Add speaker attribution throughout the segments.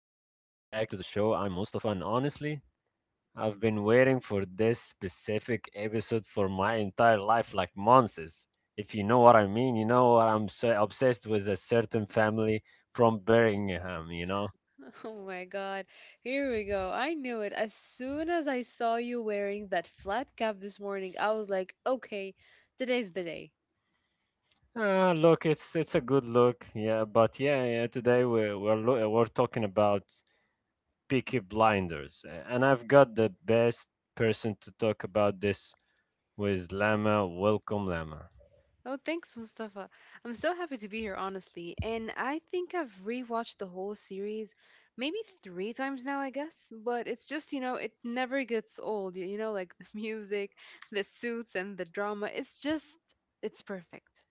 Speaker 1: to the show. I'm Mustafa, and honestly, I've been waiting for this specific episode for my entire life, like months. If you know what I mean, you know what I'm so obsessed with a certain family from Birmingham, you know?
Speaker 2: Oh my God. Here we go. I knew it. As soon as I saw you wearing that flat cap this morning, I was like, okay, today's the day.
Speaker 1: Look, it's a good look, yeah, but yeah, yeah, today we're talking about Peaky Blinders, and I've got the best person to talk about this with Lama. Welcome, Lama.
Speaker 2: Oh, thanks, Mustafa. I'm so happy to be here, honestly. And I think I've rewatched the whole series maybe three times now, I guess. But it never gets old. Like the music, the suits, and the drama. It's just, it's perfect.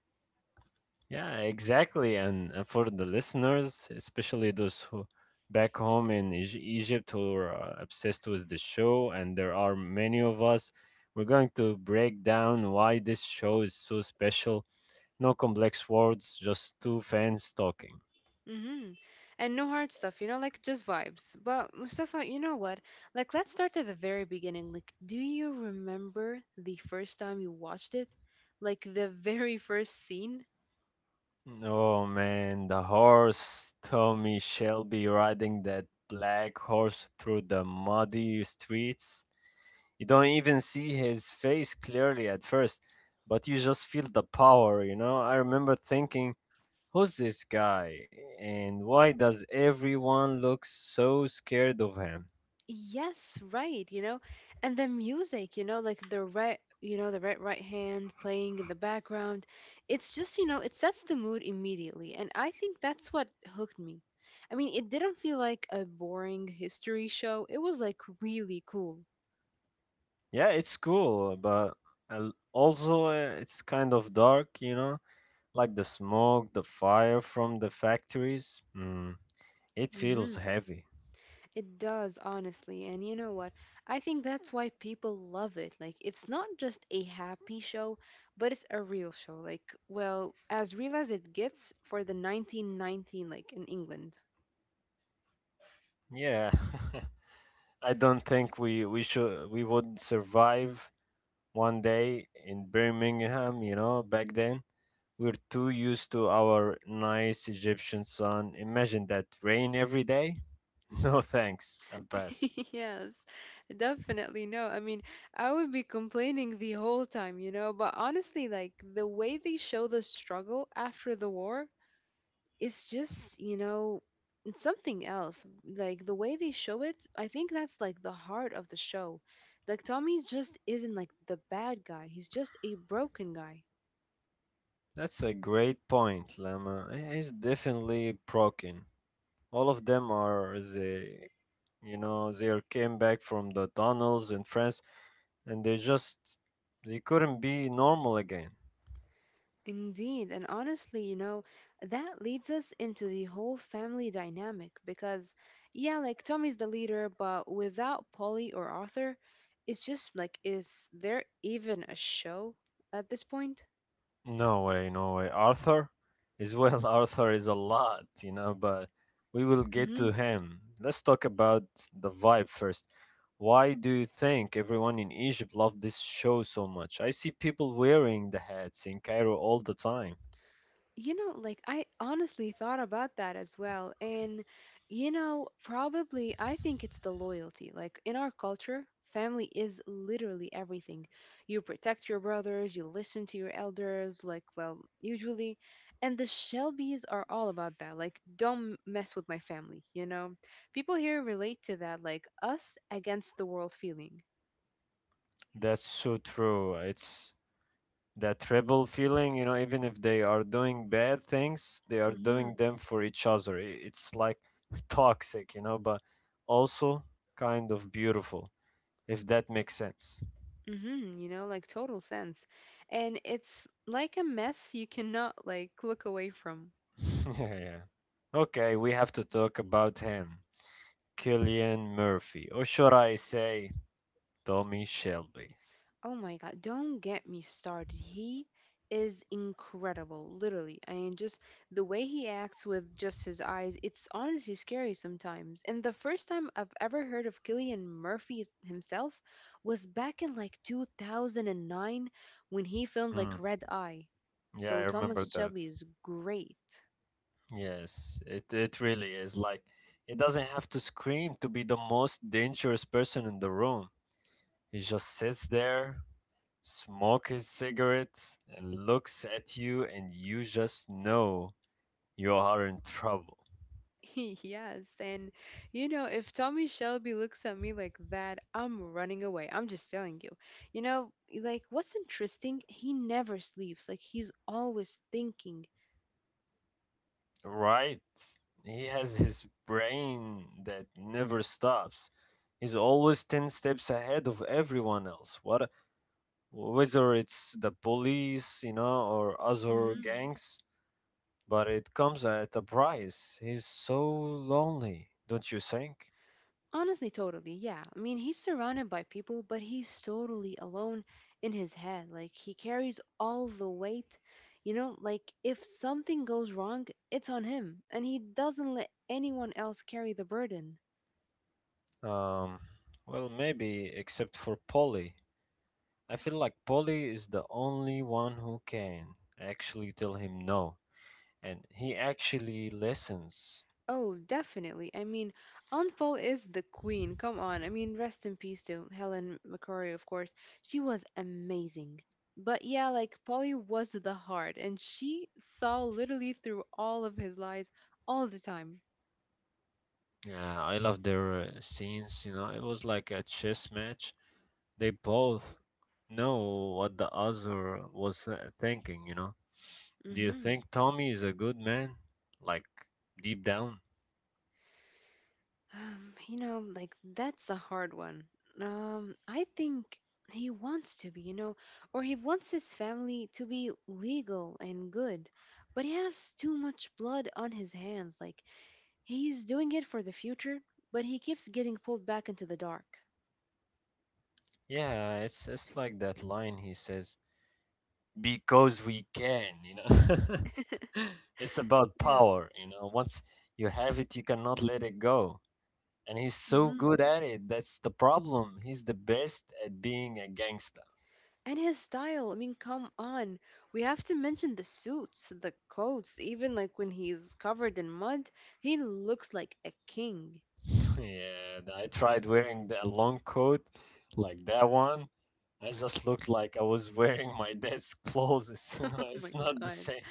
Speaker 1: Yeah, exactly. And for the listeners, especially those who back home in Egypt who are obsessed with the show, and there are many of us, we're going to break down why this show is so special. No complex words, just two fans talking.
Speaker 2: Mm-hmm. And no hard stuff, like just vibes. But Mustafa, you know what? Like, let's start at the very beginning. Like, do you remember the first time you watched it? Like, the very first scene?
Speaker 1: Oh man, the horse, Tommy Shelby riding that black horse through the muddy streets. You don't even see his face clearly at first, but you just feel the power, you know? I remember thinking, who's this guy? And why does everyone look so scared of him?
Speaker 2: Yes, right, you know? And the music, like the right, the right hand playing in the background. It's just, you know, it sets the mood immediately. And I think that's what hooked me. I mean, it didn't feel like a boring history show. It was like really cool.
Speaker 1: Yeah, it's cool, but also it's kind of dark, you know? Like the smoke, the fire from the factories. It feels heavy.
Speaker 2: It does, honestly. And you know what? I think that's why people love it. Like, it's not just a happy show, but it's a real show. Like, well, as real as it gets for the 1919, like in England.
Speaker 1: Yeah. I don't think we would survive one day in Birmingham, you know, back then. We're too used to our nice Egyptian sun. Imagine that rain every day. No thanks, I'll pass.
Speaker 2: Yes, definitely. No, I mean, I would be complaining the whole time, but honestly, like, the way they show the struggle after the war, it's just you know it's something else, like the way they show it. I think that's like the heart of the show. Like Tommy just isn't like the bad guy, he's just a broken guy.
Speaker 1: That's a great point, Lama. It's definitely broken. All of them are you know, they are came back from the tunnels in France, and they couldn't be normal again.
Speaker 2: Indeed. And honestly, that leads us into the whole family dynamic, because yeah, like Tommy's the leader, but without Polly or Arthur, it's just like, is there even a show at this point?
Speaker 1: No way, no way. Arthur is well, Arthur is a lot, you know, but we will get to him. Let's talk about the vibe first. Why do you think everyone in Egypt loved this show so much? I see people wearing the hats in Cairo all the time.
Speaker 2: You know, like I honestly thought about that as well. And, you know, probably I think it's the loyalty. Like in our culture, family is literally everything. You protect your brothers, you listen to your elders, like, well, usually. And the Shelbys are all about that. Like, don't mess with my family, you know? People here relate to that, like us against the world feeling.
Speaker 1: That's so true. It's that rebel feeling, you know, even if they are doing bad things, they are
Speaker 2: Mm-hmm.
Speaker 1: doing them for each other. It's like toxic, you know, but also kind of beautiful, if that makes sense.
Speaker 2: Mm-hmm, like total sense. And it's like a mess you cannot like look away from.
Speaker 1: Yeah. Okay, we have to talk about him. Killian Murphy, or should I say Tommy Shelby?
Speaker 2: Oh my God, don't get me started. He is incredible, literally. I mean, just the way he acts with just his eyes, it's honestly scary sometimes. And the first time I've ever heard of Killian Murphy himself was back in like 2009 when he filmed like
Speaker 1: Mm,
Speaker 2: Red Eye.
Speaker 1: yeah, I
Speaker 2: So Thomas
Speaker 1: remember that.
Speaker 2: Shelby is great.
Speaker 1: Yes, it really is. Like, it doesn't have to scream to be the most dangerous person in the room. He just sits there, smoke his cigarette, and looks at you, and you just know you are in trouble.
Speaker 2: Yes, and you know, if Tommy Shelby looks at me like that, I'm running away. I'm just telling you. You know, like what's interesting, he never sleeps. Like he's always thinking.
Speaker 1: Right? He has his brain that never stops. He's always 10 steps ahead of everyone else. What Whether it's the police, you know, or other
Speaker 2: Hmm
Speaker 1: gangs, but it comes at a price. He's so lonely, don't you think?
Speaker 2: Honestly, totally. Yeah. I mean, he's surrounded by people, but he's totally alone in his head. Like he carries all the weight. You know, like if something goes wrong, it's on him, and he doesn't let anyone else carry the burden.
Speaker 1: Um, well, maybe except for Polly. I feel like Polly is the only one who can actually tell him no, and he actually listens.
Speaker 2: Oh, definitely. I mean, Aunt Paul is the queen. Come on. I mean, rest in peace to Helen McCrory, of course. She was amazing. But yeah, like Polly was the heart, and she saw literally through all of his lies all the time.
Speaker 1: Yeah, I love their scenes. You know, it was like a chess match. They both know what the other was thinking. You know, do you
Speaker 2: Mm-hmm.
Speaker 1: think Tommy is a good man? Like deep down?
Speaker 2: You know, like that's a hard one. I think he wants to be, you know, or he wants his family to be legal and good, but he has too much blood on his hands. Like, he's doing it for the future, but he keeps getting pulled back into the dark.
Speaker 1: Yeah, it's like that line he says, "Because we can." You know, it's about
Speaker 2: Yeah.
Speaker 1: power. You know, once you have it, you cannot let it go. And he's so
Speaker 2: hmm
Speaker 1: good at it. That's the problem. He's the best at being a gangster.
Speaker 2: And his style, I mean, come on. We have to mention the suits, the coats, even like when he's covered in mud, he looks like a king.
Speaker 1: Yeah, I tried wearing the long coat like that one. I just looked like I was wearing my dad's clothes. You
Speaker 2: Oh
Speaker 1: know,
Speaker 2: my
Speaker 1: it's not the
Speaker 2: god.
Speaker 1: same.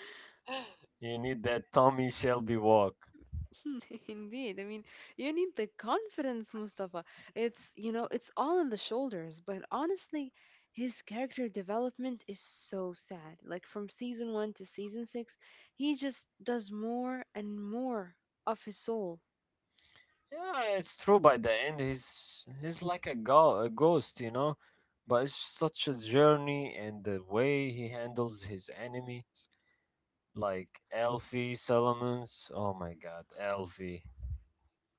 Speaker 1: You need that Tommy Shelby walk.
Speaker 2: Indeed. I mean, you need the confidence, Mustafa. It's all in the shoulders, but honestly, his character development is so sad. Like from season 1 to season 6, he just does more and more of his soul.
Speaker 1: Yeah, it's true. By the end, he's like a ghost, you know. But it's such a journey, and the way he handles his enemies, like Elfie, Solomon's. Oh my God, Elfie.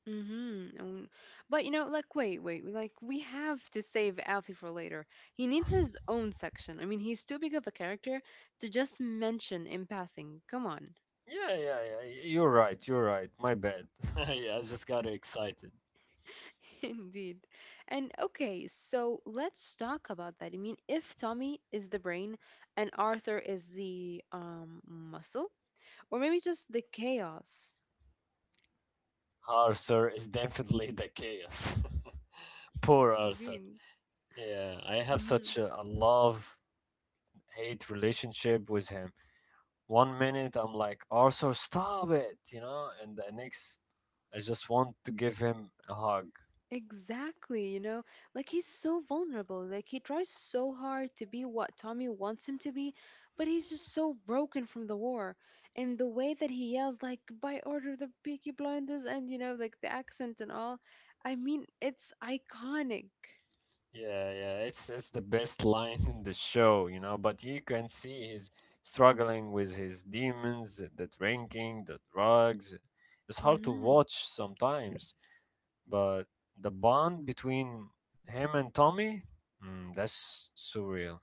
Speaker 2: Mm-hmm. And, but you know, like like we have to save Alfie for later. He needs his own section. I mean, he's too big of a character to just mention in passing. Come on.
Speaker 1: Yeah, yeah, yeah. You're right. You're right. My bad. Yeah, I just got excited.
Speaker 2: Indeed. And okay, so let's talk about that. I mean, if Tommy is the brain and Arthur is the muscle, or maybe just the chaos.
Speaker 1: Arthur is definitely the chaos. Poor Arthur.
Speaker 2: Indeed.
Speaker 1: Yeah, I have such
Speaker 2: Hmm
Speaker 1: a, a love hate relationship with him. One minute I'm like, Arthur, stop it, you know, and the next I just want to give him a hug.
Speaker 2: Exactly, you know, like he's so vulnerable. Like he tries so hard to be what Tommy wants him to be, but he's just so broken from the war. And the way that he yells, like, by order of the Peaky Blinders, and you know, like the accent and all, I mean, it's iconic.
Speaker 1: Yeah, yeah, it's the best line in the show, you know. But you can see he's struggling with his demons, the drinking, the drugs. It's hard to
Speaker 2: Mhm.
Speaker 1: watch sometimes, but the bond between him and Tommy, mm, that's surreal.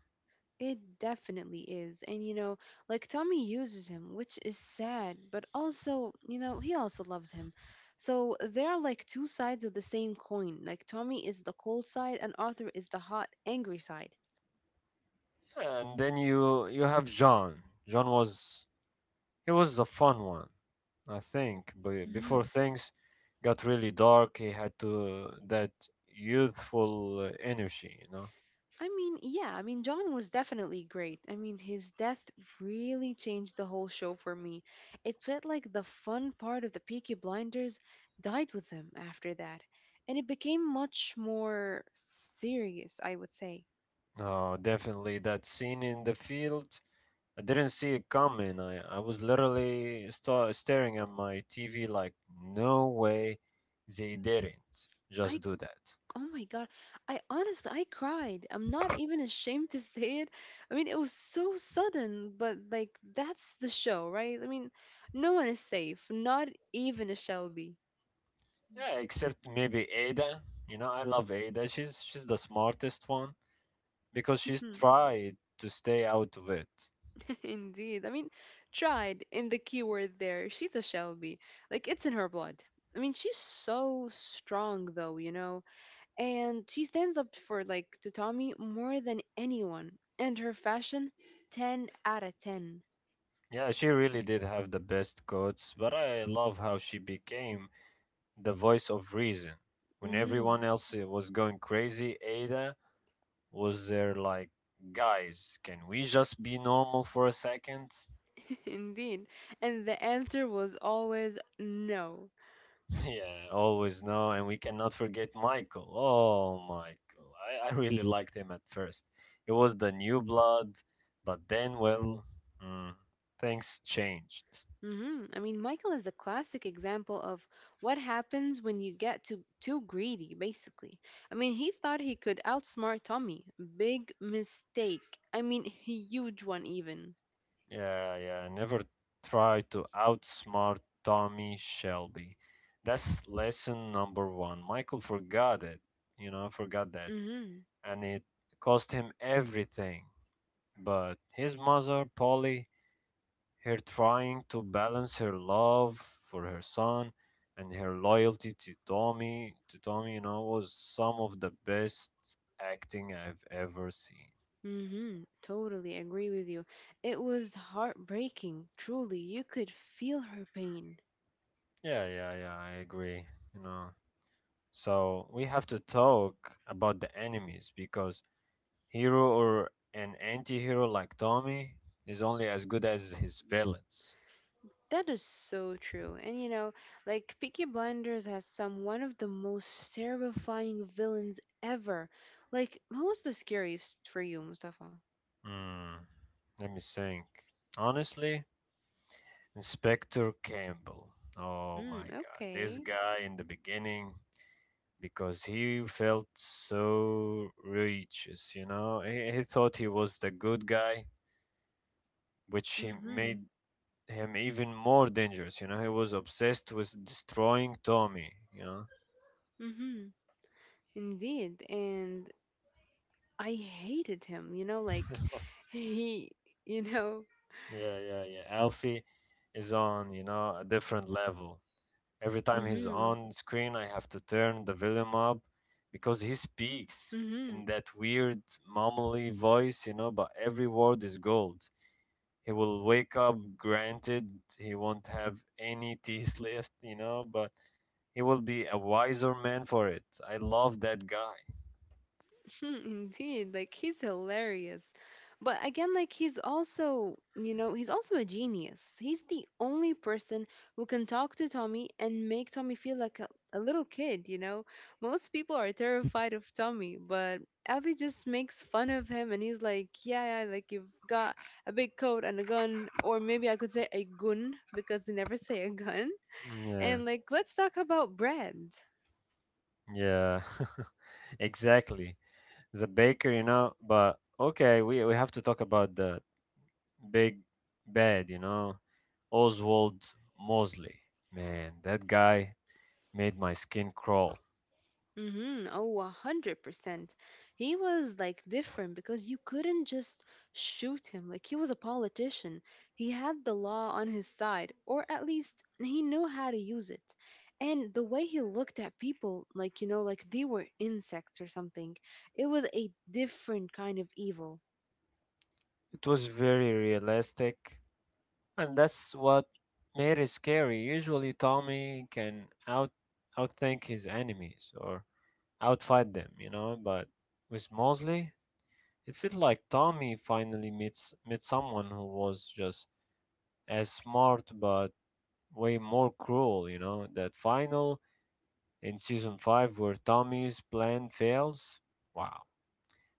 Speaker 2: It definitely is. And you know, like Tommy uses him, which is sad, but also, you know, he also loves him. So they're like two sides of the same coin. Like Tommy is the cold side and Arthur is the hot, angry side.
Speaker 1: Yeah, and then you have John. John was he was the fun one, I think. But before things got really dark, he had to that youthful energy, you know.
Speaker 2: I mean, John was definitely great. I mean, his death really changed the whole show for me. It felt like the fun part of the Peaky Blinders died with him after that, and it became much more serious, I would say.
Speaker 1: Oh, definitely that scene in the field. I didn't see it coming. I was literally staring at my TV like, no way they didn't just
Speaker 2: I,
Speaker 1: do that.
Speaker 2: oh my God, I cried. I'm not even ashamed to say it. I mean, it was so sudden, but like, that's the show, right? I mean, no one is safe, not even a Shelby.
Speaker 1: Yeah, except maybe Ada. You know, I love Ada. She's the smartest one because she's tried to stay out of it.
Speaker 2: Indeed. I mean, tried in the keyword there. She's a Shelby. Like, it's in her blood. I mean, she's so strong, though, you know? And she stands up for, like, to Tommy more than anyone. And her fashion, 10 out of 10.
Speaker 1: Yeah, she really did have the best quotes, but I love how she became the voice of reason. When
Speaker 2: Hmm
Speaker 1: everyone else was going crazy, Ada was there like, guys, can we just be normal for a second?
Speaker 2: Indeed. And the answer was always no.
Speaker 1: Yeah, always no, and we cannot forget Michael. Oh, Michael. I really liked him at first. It was the new blood, but then, well, mm, things changed.
Speaker 2: hmm I mean, Michael is a classic example of what happens when you get too greedy, basically. I mean, he thought he could outsmart Tommy. Big mistake. I mean, huge one even.
Speaker 1: Yeah, yeah, never try to outsmart Tommy Shelby. That's lesson number one. Michael forgot it, you know, forgot that,
Speaker 2: Mm-hmm.
Speaker 1: and it cost him everything. But his mother, Polly, her trying to balance her love for her son and her loyalty to Tommy, you know, was some of the best acting I've ever seen.
Speaker 2: Mm-hmm. Totally agree with you. It was heartbreaking, truly. You could feel her pain.
Speaker 1: Yeah, yeah, yeah, I agree, you know. So we have to talk about the enemies because hero or an anti-hero like Tommy is only as good as his villains.
Speaker 2: That is so true. And you know, like Peaky Blinders has some one of the most terrifying villains ever. Like, who was the scariest for you, Mustafa?
Speaker 1: Hmm, let me think. Honestly, Inspector Campbell. Oh
Speaker 2: Mm,
Speaker 1: my god, this
Speaker 2: okay.
Speaker 1: guy in the beginning, because he felt so righteous, you know, he thought he was the good guy, which he
Speaker 2: Mhm.
Speaker 1: made him even more dangerous, you know, he was obsessed with destroying Tommy, you know.
Speaker 2: Mhm. Indeed. And I hated him, you know, like he, you know.
Speaker 1: Yeah, yeah, yeah. Alfie is on, you know, a different level. Every time he's
Speaker 2: Mhm.
Speaker 1: on screen, I have to turn the volume up because he speaks in
Speaker 2: Mhm.
Speaker 1: that weird mumbly voice, you know, but every word is gold. He will wake up, granted, he won't have any teeth left, you know, but he will be a wiser man for it. I love that guy.
Speaker 2: Hmm, indeed, like he's hilarious. But again, like he's also, you know, he's also a genius. He's the only person who can talk to Tommy and make Tommy feel like a little kid, you know? Most people are terrified of Tommy, but Abby just makes fun of him and he's like, yeah, yeah, like you've got a big coat and a gun, or maybe I could say a gun because they never say a gun.
Speaker 1: Yeah,
Speaker 2: And like, let's talk about bread.
Speaker 1: yeah, exactly. The baker, you know, but okay, we have to talk about the big bad, you know. Oswald Mosley. Man, that guy made my skin crawl.
Speaker 2: Mm-hmm. Oh, 100%. He was like different because you couldn't just shoot him. Like he was a politician. He had the law on his side, or at least he knew how to use it. And the way he looked at people, like, you know, like they were insects or something, it was a different kind of evil.
Speaker 1: It was very realistic, and that's what made it scary. Usually, Tommy can outthink his enemies or outfight them, you know. But with Mosley, it felt like Tommy finally meets met someone who was just as smart but way more cruel, you know. That final in season 5 where Tommy's plan fails. Wow,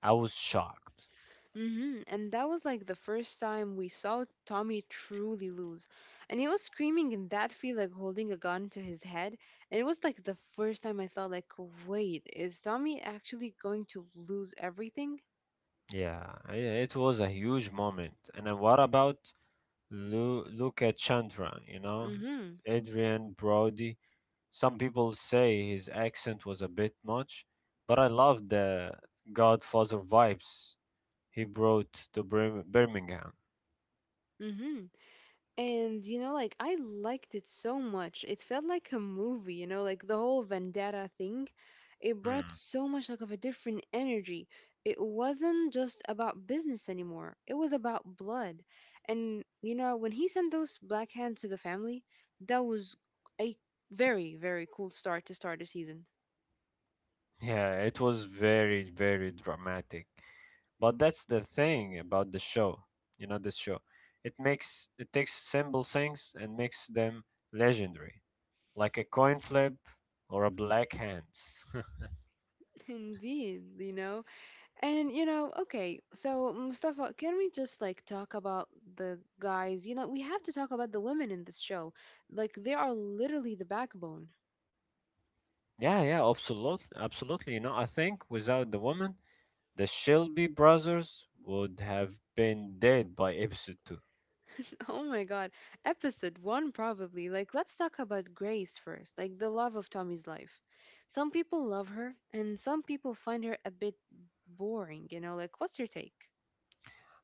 Speaker 1: I was shocked.
Speaker 2: Hmm And that was like the first time we saw Tommy truly lose. And he was screaming in that field, like holding a gun to his head. And it was like the first time I thought, like, wait, is Tommy actually going to lose everything?
Speaker 1: Yeah, it was a huge moment. And then what about look at Chandra, you know?
Speaker 2: Mm-hmm.
Speaker 1: Adrian Brody. Some people say his accent was a bit much, but I love the Godfather vibes he brought to Birmingham.
Speaker 2: Mm-hmm. And you know, like I liked it so much. It felt like a movie, you know, like the whole vendetta thing. It brought
Speaker 1: Mm.
Speaker 2: so much like of a different energy. It wasn't just about business anymore. It was about blood. And you know, when he sent those black hands to the family, that was a very, very cool start the season.
Speaker 1: Yeah, it was very, very dramatic. But that's the thing about the show, you know, this show. It takes simple things and makes them legendary, like a coin flip or a black hand.
Speaker 2: Indeed, you know. And you know, okay, so Mustafa, can we just like talk about the guys? You know, we have to talk about the women in this show. Like they are literally the backbone.
Speaker 1: Yeah, absolutely, absolutely. You know, I think without the woman, the Shelby brothers would have been dead by episode two.
Speaker 2: Oh my God. Episode one, probably. Like, let's talk about Grace first, like the love of Tommy's life. Some people love her, and some people find her a bit boring, you know, like what's your take?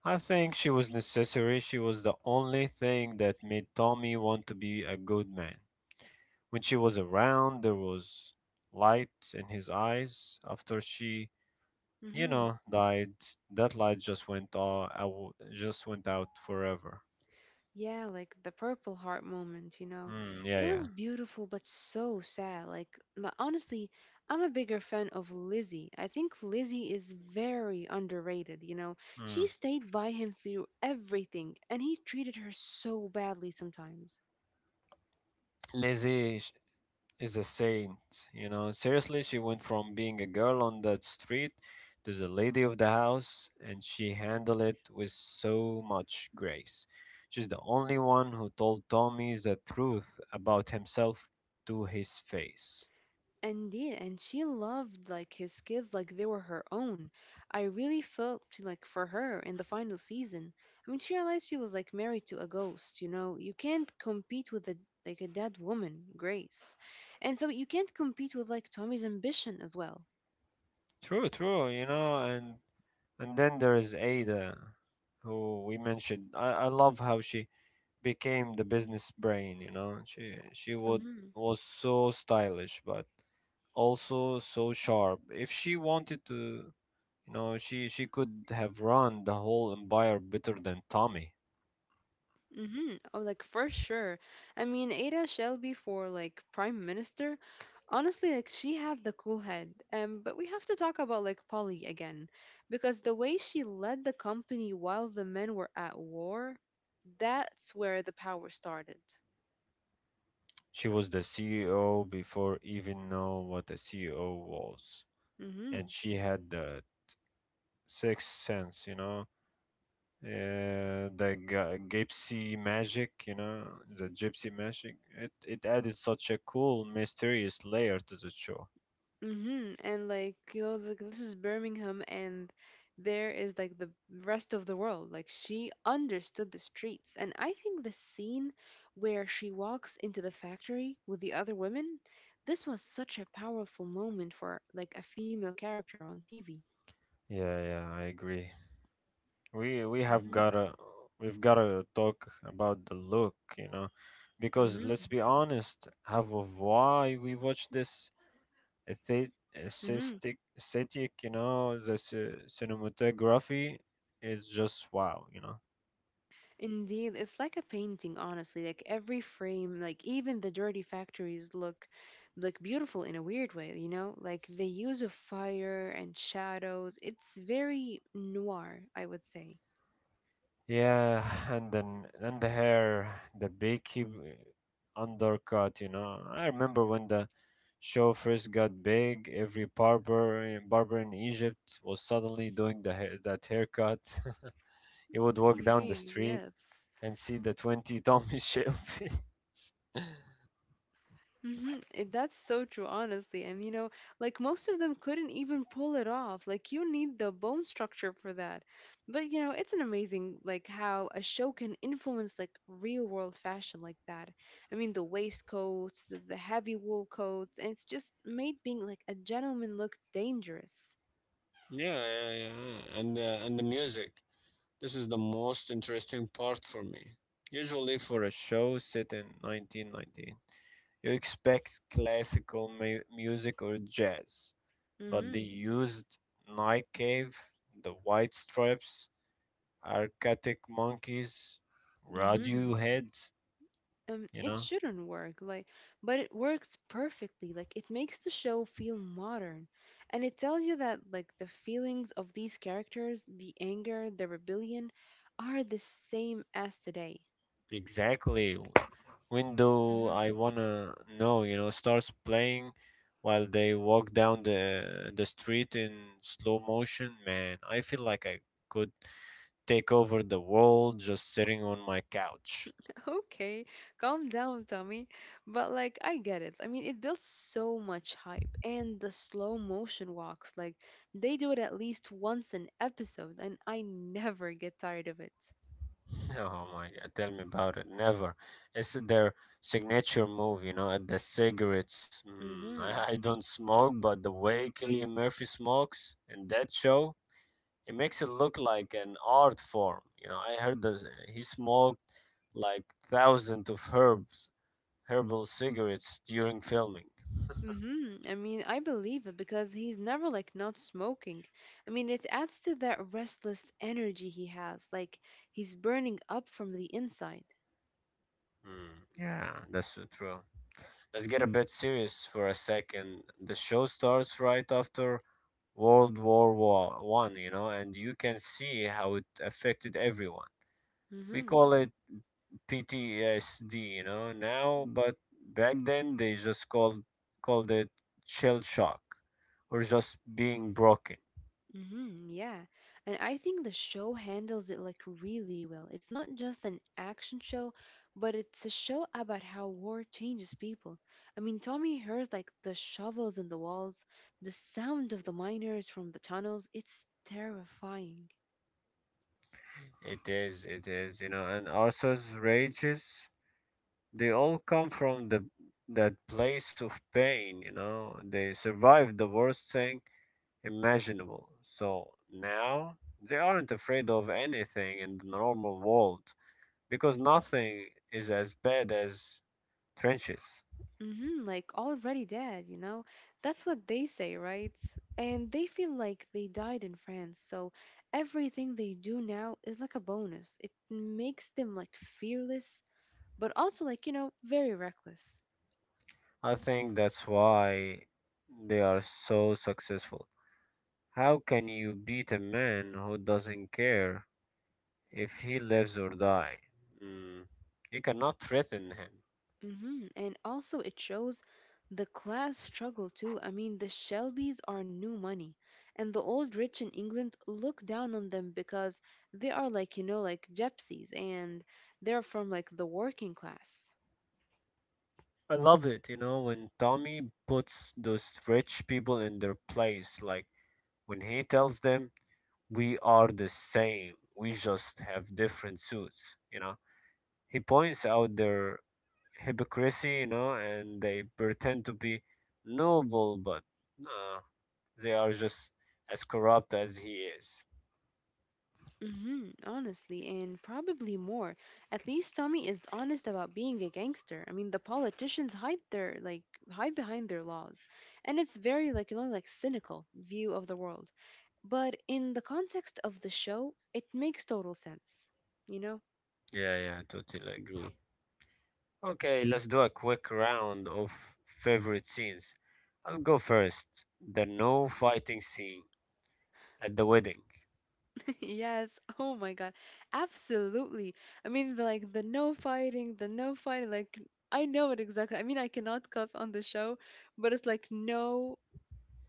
Speaker 1: I think she was necessary. She was the only thing that made Tommy want to be a good man. When she was around, there was light in his eyes after she you know, died. That light just went all out, just went out forever.
Speaker 2: Yeah, like the Purple Heart moment, you know.
Speaker 1: Mm, yeah,
Speaker 2: It
Speaker 1: yeah.
Speaker 2: was beautiful but so sad. Like, honestly, I'm a bigger fan of Lizzie. I think Lizzie is very underrated, you know. She
Speaker 1: Mm.
Speaker 2: stayed by him through everything, and he treated her so badly sometimes.
Speaker 1: Lizzie sh- is a saint, you know. Seriously, she went from being a girl on that street to the lady of the house, and she handled it with so much grace. She's the only one who told Tommy the truth about himself to his face.
Speaker 2: Indeed, and she loved like his kids like they were her own. I really felt like for her in the final season. I mean, she realized she was like married to a ghost, you know. You can't compete with a like a dead woman, Grace. And so you can't compete with like Tommy's ambition as well.
Speaker 1: True, true, you know, and then there is Ada, who we mentioned. I love how she became the business brain, you know. She would
Speaker 2: Hmm
Speaker 1: was so stylish but also so sharp. If she wanted to, you know, she could have run the whole empire better than Tommy.
Speaker 2: Mm-hmm. Oh, like for sure. I mean, Ada Shelby for like prime minister. Honestly, like she had the cool head. But we have to talk about like Polly again, because the way she led the company while the men were at war, that's where the power started.
Speaker 1: She was the CEO before even know what a CEO was. And
Speaker 2: Mm-hmm.
Speaker 1: she had the sixth sense, you know. The gypsy magic, you know, the gypsy magic, it added such a cool, mysterious layer to the show.
Speaker 2: Mm-hmm. And like, you know, like this is Birmingham and there is like the rest of the world. Like she understood the streets. And I think the scene where she walks into the factory with the other women, this was such a powerful moment for like a female character on TV.
Speaker 1: Yeah, yeah, I agree. We have
Speaker 2: Hmm.
Speaker 1: gotta we've gotta talk about the look, you know, because
Speaker 2: Mm-hmm.
Speaker 1: let's be honest, half of why we watch this
Speaker 2: Mm-hmm.
Speaker 1: aesthetic, you know, the cinematography is just wow, you know.
Speaker 2: Indeed, it's like a painting, honestly. Like every frame, like even the dirty factories look beautiful in a weird way, you know? Like the use of fire and shadows. It's very noir, I would say.
Speaker 1: Yeah, and then and the hair, the beaky undercut, you know. I remember when the show first got big, every barber in Egypt was suddenly doing the hair, that haircut. You would walk down the
Speaker 2: Indeed,
Speaker 1: street
Speaker 2: yes.
Speaker 1: and see the 20 Tom Michelle.
Speaker 2: Mhm, it that's so true, honestly. And you know, like most of them couldn't even pull it off. Like you need the bone structure for that. But you know, it's an amazing like how a show can influence like real world fashion like that. I mean, the waistcoats, the heavy wool coats, and it's just made being like a gentleman look dangerous.
Speaker 1: Yeah, yeah, yeah. And the music. This is the most interesting part for me. Usually for a show set in 1919, you expect classical music or jazz, but
Speaker 2: Mm-hmm.
Speaker 1: they used Night Cave, the White Stripes, Arctic Monkeys,
Speaker 2: Mm-hmm.
Speaker 1: Radiohead, you
Speaker 2: It
Speaker 1: know?
Speaker 2: shouldn't work like but it works perfectly. Like it makes the show feel modern, and it tells you that like the feelings of these characters, the anger, the rebellion are the same as today.
Speaker 1: Exactly. When do
Speaker 2: Hmm.
Speaker 1: I wanna know, you know, starts playing while they walk down the street in slow motion, man. I feel like I could take over the world just sitting on my couch.
Speaker 2: Okay, calm down, Tommy. But like I get it. I mean, it builds so much hype, and the slow motion walks like they do it at least once an episode, and I never get tired of it.
Speaker 1: Oh my God, tell me about it. Never. It's their signature move, you know, at the cigarettes. Mm, I,
Speaker 2: Mhm.
Speaker 1: I don't smoke, but the way Killian Murphy smokes in that show, it makes it look like an art form. You know, I heard that he smoked like herbal cigarettes during filming.
Speaker 2: Mm-hmm. I mean, I believe it because he's never like not smoking. I mean, it adds to that restless energy he has, like he's burning up from the inside.
Speaker 1: Mm, yeah, that's so true. Let's get a bit serious for a second. The show starts right after World War One, you know, and you can see how it affected everyone. We
Speaker 2: Mm-hmm.
Speaker 1: call it PTSD, you know, now, but back then they just called it shell shock or just being broken.
Speaker 2: Mm-hmm. Yeah. And I think the show handles it like really well. It's not just an action show, but it's a show about how war changes people. I mean, Tommy hears like the shovels in the walls, the sound of the miners from the tunnels. It's terrifying.
Speaker 1: It is, you know, and Arthur's rages, they all come from the that place of pain, you know. They survived the worst thing imaginable. So now they aren't afraid of anything in the normal world because nothing is as bad as trenches.
Speaker 2: Hmm, like already dead, you know? That's what they say, right? And they feel like they died in France, so everything they do now is like a bonus. It makes them like fearless, but also like, you know, very reckless.
Speaker 1: I think that's why they are so successful. How can you beat a man who doesn't care if he lives or die? Mm, you cannot threaten him.
Speaker 2: Hmm. And also it shows the class struggle too. I mean, the Shelbys are new money, and the old rich in England look down on them because they are like, you know, like gypsies and they're from like the working class.
Speaker 1: I love it, you know, when Tommy puts those rich people in their place, like when he tells them, "We are the same. We just have different suits," you know. He points out their hypocrisy, you know, and they pretend to be noble, but no, they are just as corrupt as he is.
Speaker 2: Hmm, honestly, and probably more. At least Tommy is honest about being a gangster. I mean, the politicians hide their like hide behind their laws, and it's very like you know like cynical view of the world. But in the context of the show, it makes total sense. You know?
Speaker 1: Yeah, yeah, totally agree. Okay, let's do a quick round of favorite scenes. I'll go first. The no fighting scene at the wedding.
Speaker 2: Yes. Oh my God. Absolutely. I mean, the, like the no fighting, the no fighting. Like I know it exactly. I mean, I cannot cuss on the show, but it's like no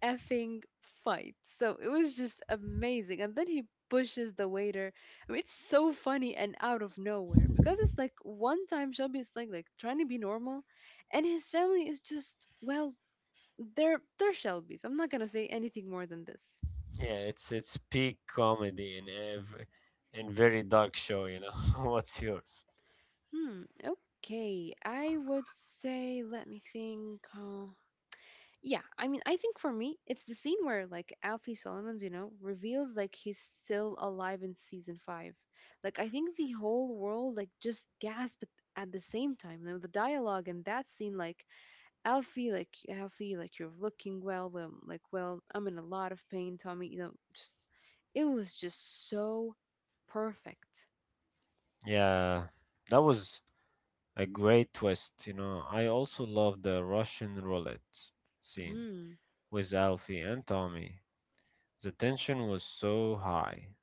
Speaker 2: effing fight. So it was just amazing. And then he pushes the waiter. I mean, it's so funny and out of nowhere because it's like one time Shelby is like trying to be normal, and his family is just well, they're Shelby's. I'm not gonna say anything more than this.
Speaker 1: Yeah, it's peak comedy in every in very dark show, you know. What's yours?
Speaker 2: Hmm. Okay. I would say. Let me think. Yeah, I mean, I think for me, it's the scene where like Alfie Solomons, you know, reveals like he's still alive in season five. Like I think the whole world like just gasped at the same time. You know, the dialogue in that scene, like Alfie, like Alfie, like you're looking well, well, like well, I'm in a lot of pain, Tommy. You know, just it was just so perfect.
Speaker 1: Yeah, that was a great twist, you know. I also love the Russian roulette scene with Alfie and Tommy. The tension was so high.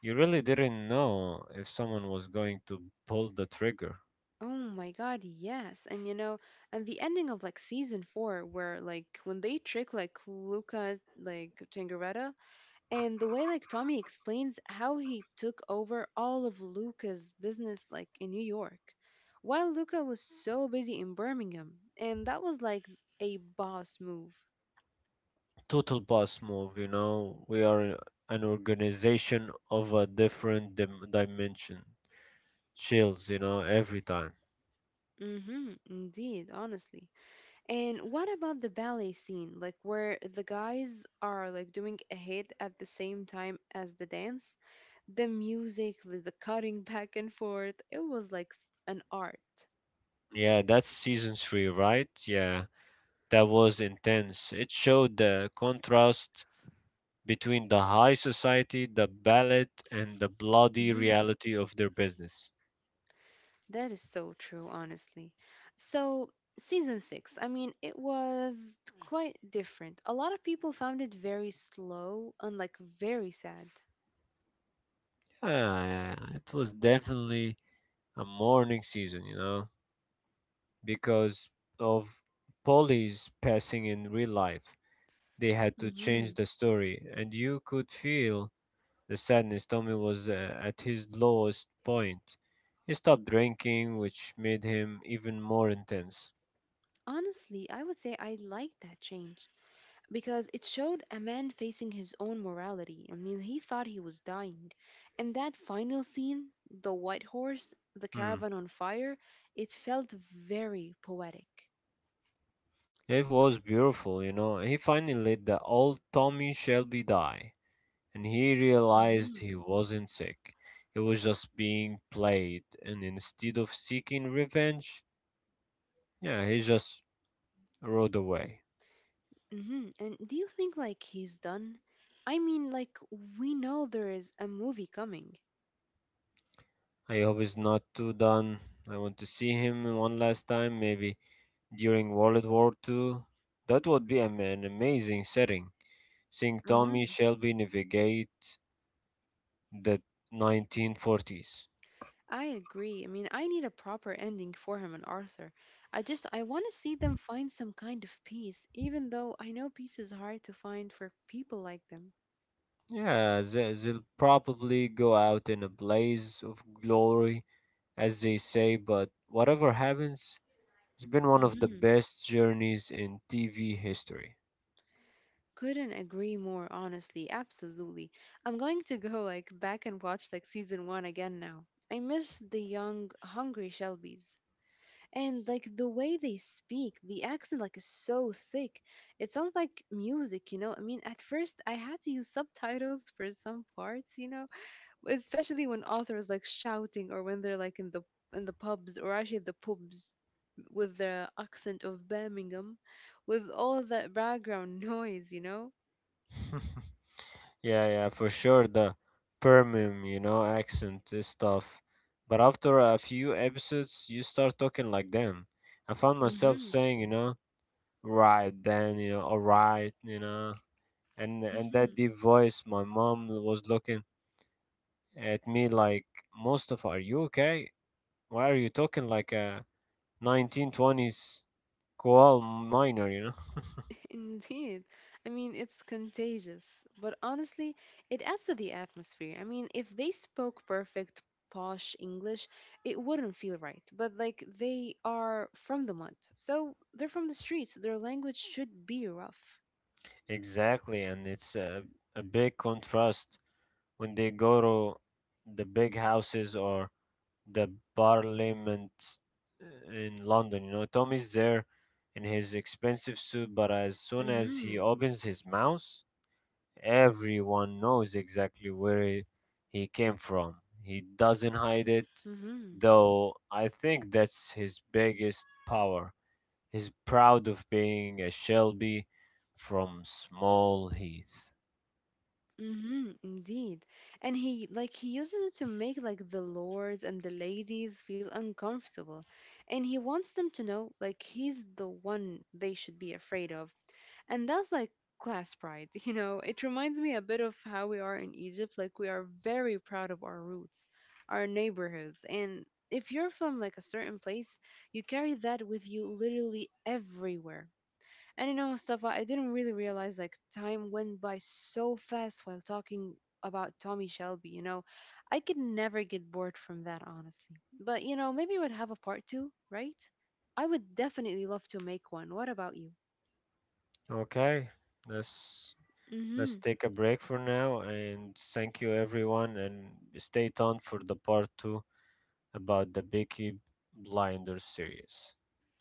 Speaker 1: You really didn't know if someone was going to pull the trigger.
Speaker 2: Oh my god, yes. And you know, and the ending of like season four where like when they trick like Luca like Tangaretta, and the way like Tommy explains how he took over all of Luca's business like in New York while Luca was so busy in Birmingham, and that was like a boss move.
Speaker 1: Total boss move, you know. We are an organization of a different dimension. Chills, you know, every time.
Speaker 2: Mm-hmm, indeed, honestly. And what about the ballet scene, like where the guys are like doing a hit at the same time as the dance? The music, the cutting back and forth, it was like s- an art.
Speaker 1: Yeah, that's season three, right? Yeah, that was intense. It showed the contrast between the high society, the ballet, and the bloody
Speaker 2: Hmm.
Speaker 1: reality of their business.
Speaker 2: That is so true, honestly. So, season six, I mean, it was quite different. A lot of people found it very slow and like very sad.
Speaker 1: Yeah, yeah, it was definitely a mourning season, you know, because of Polly's passing in real life. They had to change
Speaker 2: Hmm.
Speaker 1: the story, and you could feel the sadness. Tommy was, at his lowest point. He stopped drinking, which made him even more intense.
Speaker 2: Honestly, I would say I like that change, because it showed a man facing his own morality. I mean, he thought he was dying. And that final scene, the white horse, the
Speaker 1: Hmm.
Speaker 2: caravan on fire, it felt very poetic.
Speaker 1: It was beautiful, you know. He finally let the old Tommy Shelby die, and he realized
Speaker 2: Mm-hmm.
Speaker 1: he wasn't sick. He was just being played, and instead of seeking revenge, yeah, he just rode away.
Speaker 2: Mm-hmm. And do you think like he's done? I mean, like we know there is a movie coming.
Speaker 1: I hope he's not too done. I want to see him one last time, maybe during World War II. That would be an amazing setting, seeing Tommy
Speaker 2: Mm-hmm.
Speaker 1: Shelby navigate the 1940s.
Speaker 2: I agree. I mean, I need a proper ending for him and Arthur. I just I want to see them find some kind of peace, even though I know peace is hard to find for people like them.
Speaker 1: Yeah, they'll probably go out in a blaze of glory, as they say, but whatever happens, it's been one of the
Speaker 2: Mhm.
Speaker 1: best journeys in TV history.
Speaker 2: Couldn't agree more, honestly. Absolutely. I'm going to go like back and watch like season one again now. I miss the young, hungry Shelbys. And like the way they speak, the accent like is so thick. It sounds like music, you know? I mean, at first I had to use subtitles for some parts, you know, especially when authors like shouting or when they're like in the pubs, or actually the pubs with the accent of Birmingham, with all that background noise, you know.
Speaker 1: Yeah, yeah, for sure. The Permian, you know, accent is tough. But after a few episodes, you start talking like them. I found myself
Speaker 2: Mm-hmm.
Speaker 1: saying, you know, right then, you know, all right, you know, and that
Speaker 2: Mm-hmm.
Speaker 1: deep voice. My mom was looking at me like, "Mustafa, are you okay? Why are you talking like a 1920s koal miner?" You know,
Speaker 2: Indeed. I mean, it's contagious, but honestly, it adds to the atmosphere. I mean, if they spoke perfect posh English, it wouldn't feel right. But like they are from the mud. So they're from the streets. Their language should be rough.
Speaker 1: exactly, and it's a big contrast when they go to the big houses or the parliament, in London. You know, Tommy's there in his expensive suit, but as soon as he
Speaker 2: Mm-hmm.
Speaker 1: opens his mouth, everyone knows exactly where he came from. He doesn't hide it,
Speaker 2: Mm-hmm.
Speaker 1: though I think that's his biggest power. He's proud of being a Shelby from Small Heath.
Speaker 2: Mm-hmm, indeed. And he like he uses it to make like the lords and the ladies feel uncomfortable. And he wants them to know like he's the one they should be afraid of. And that's like class pride, you know. It reminds me a bit of how we are in Egypt. Like we are very proud of our roots, our neighborhoods. And if you're from like a certain place, you carry that with you literally everywhere. And you know, Mustafa, I didn't really realize like time went by so fast while talking about Tommy Shelby, you know. I could never get bored from that, honestly. But you know, maybe we'd have a part two, right? I would definitely love to make one. What about you?
Speaker 1: Okay, that's let's
Speaker 2: Mhm.
Speaker 1: take a break for now, and thank you everyone, and stay tuned for the part 2 about the Beaky Blinders series.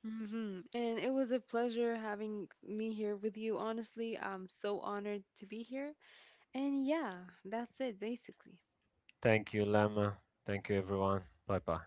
Speaker 2: Mhm. And it was a pleasure having me here with you, honestly. I'm so honored to be here. And yeah, that's it basically.
Speaker 1: Thank you, Lama. Thank you everyone. Bye bye.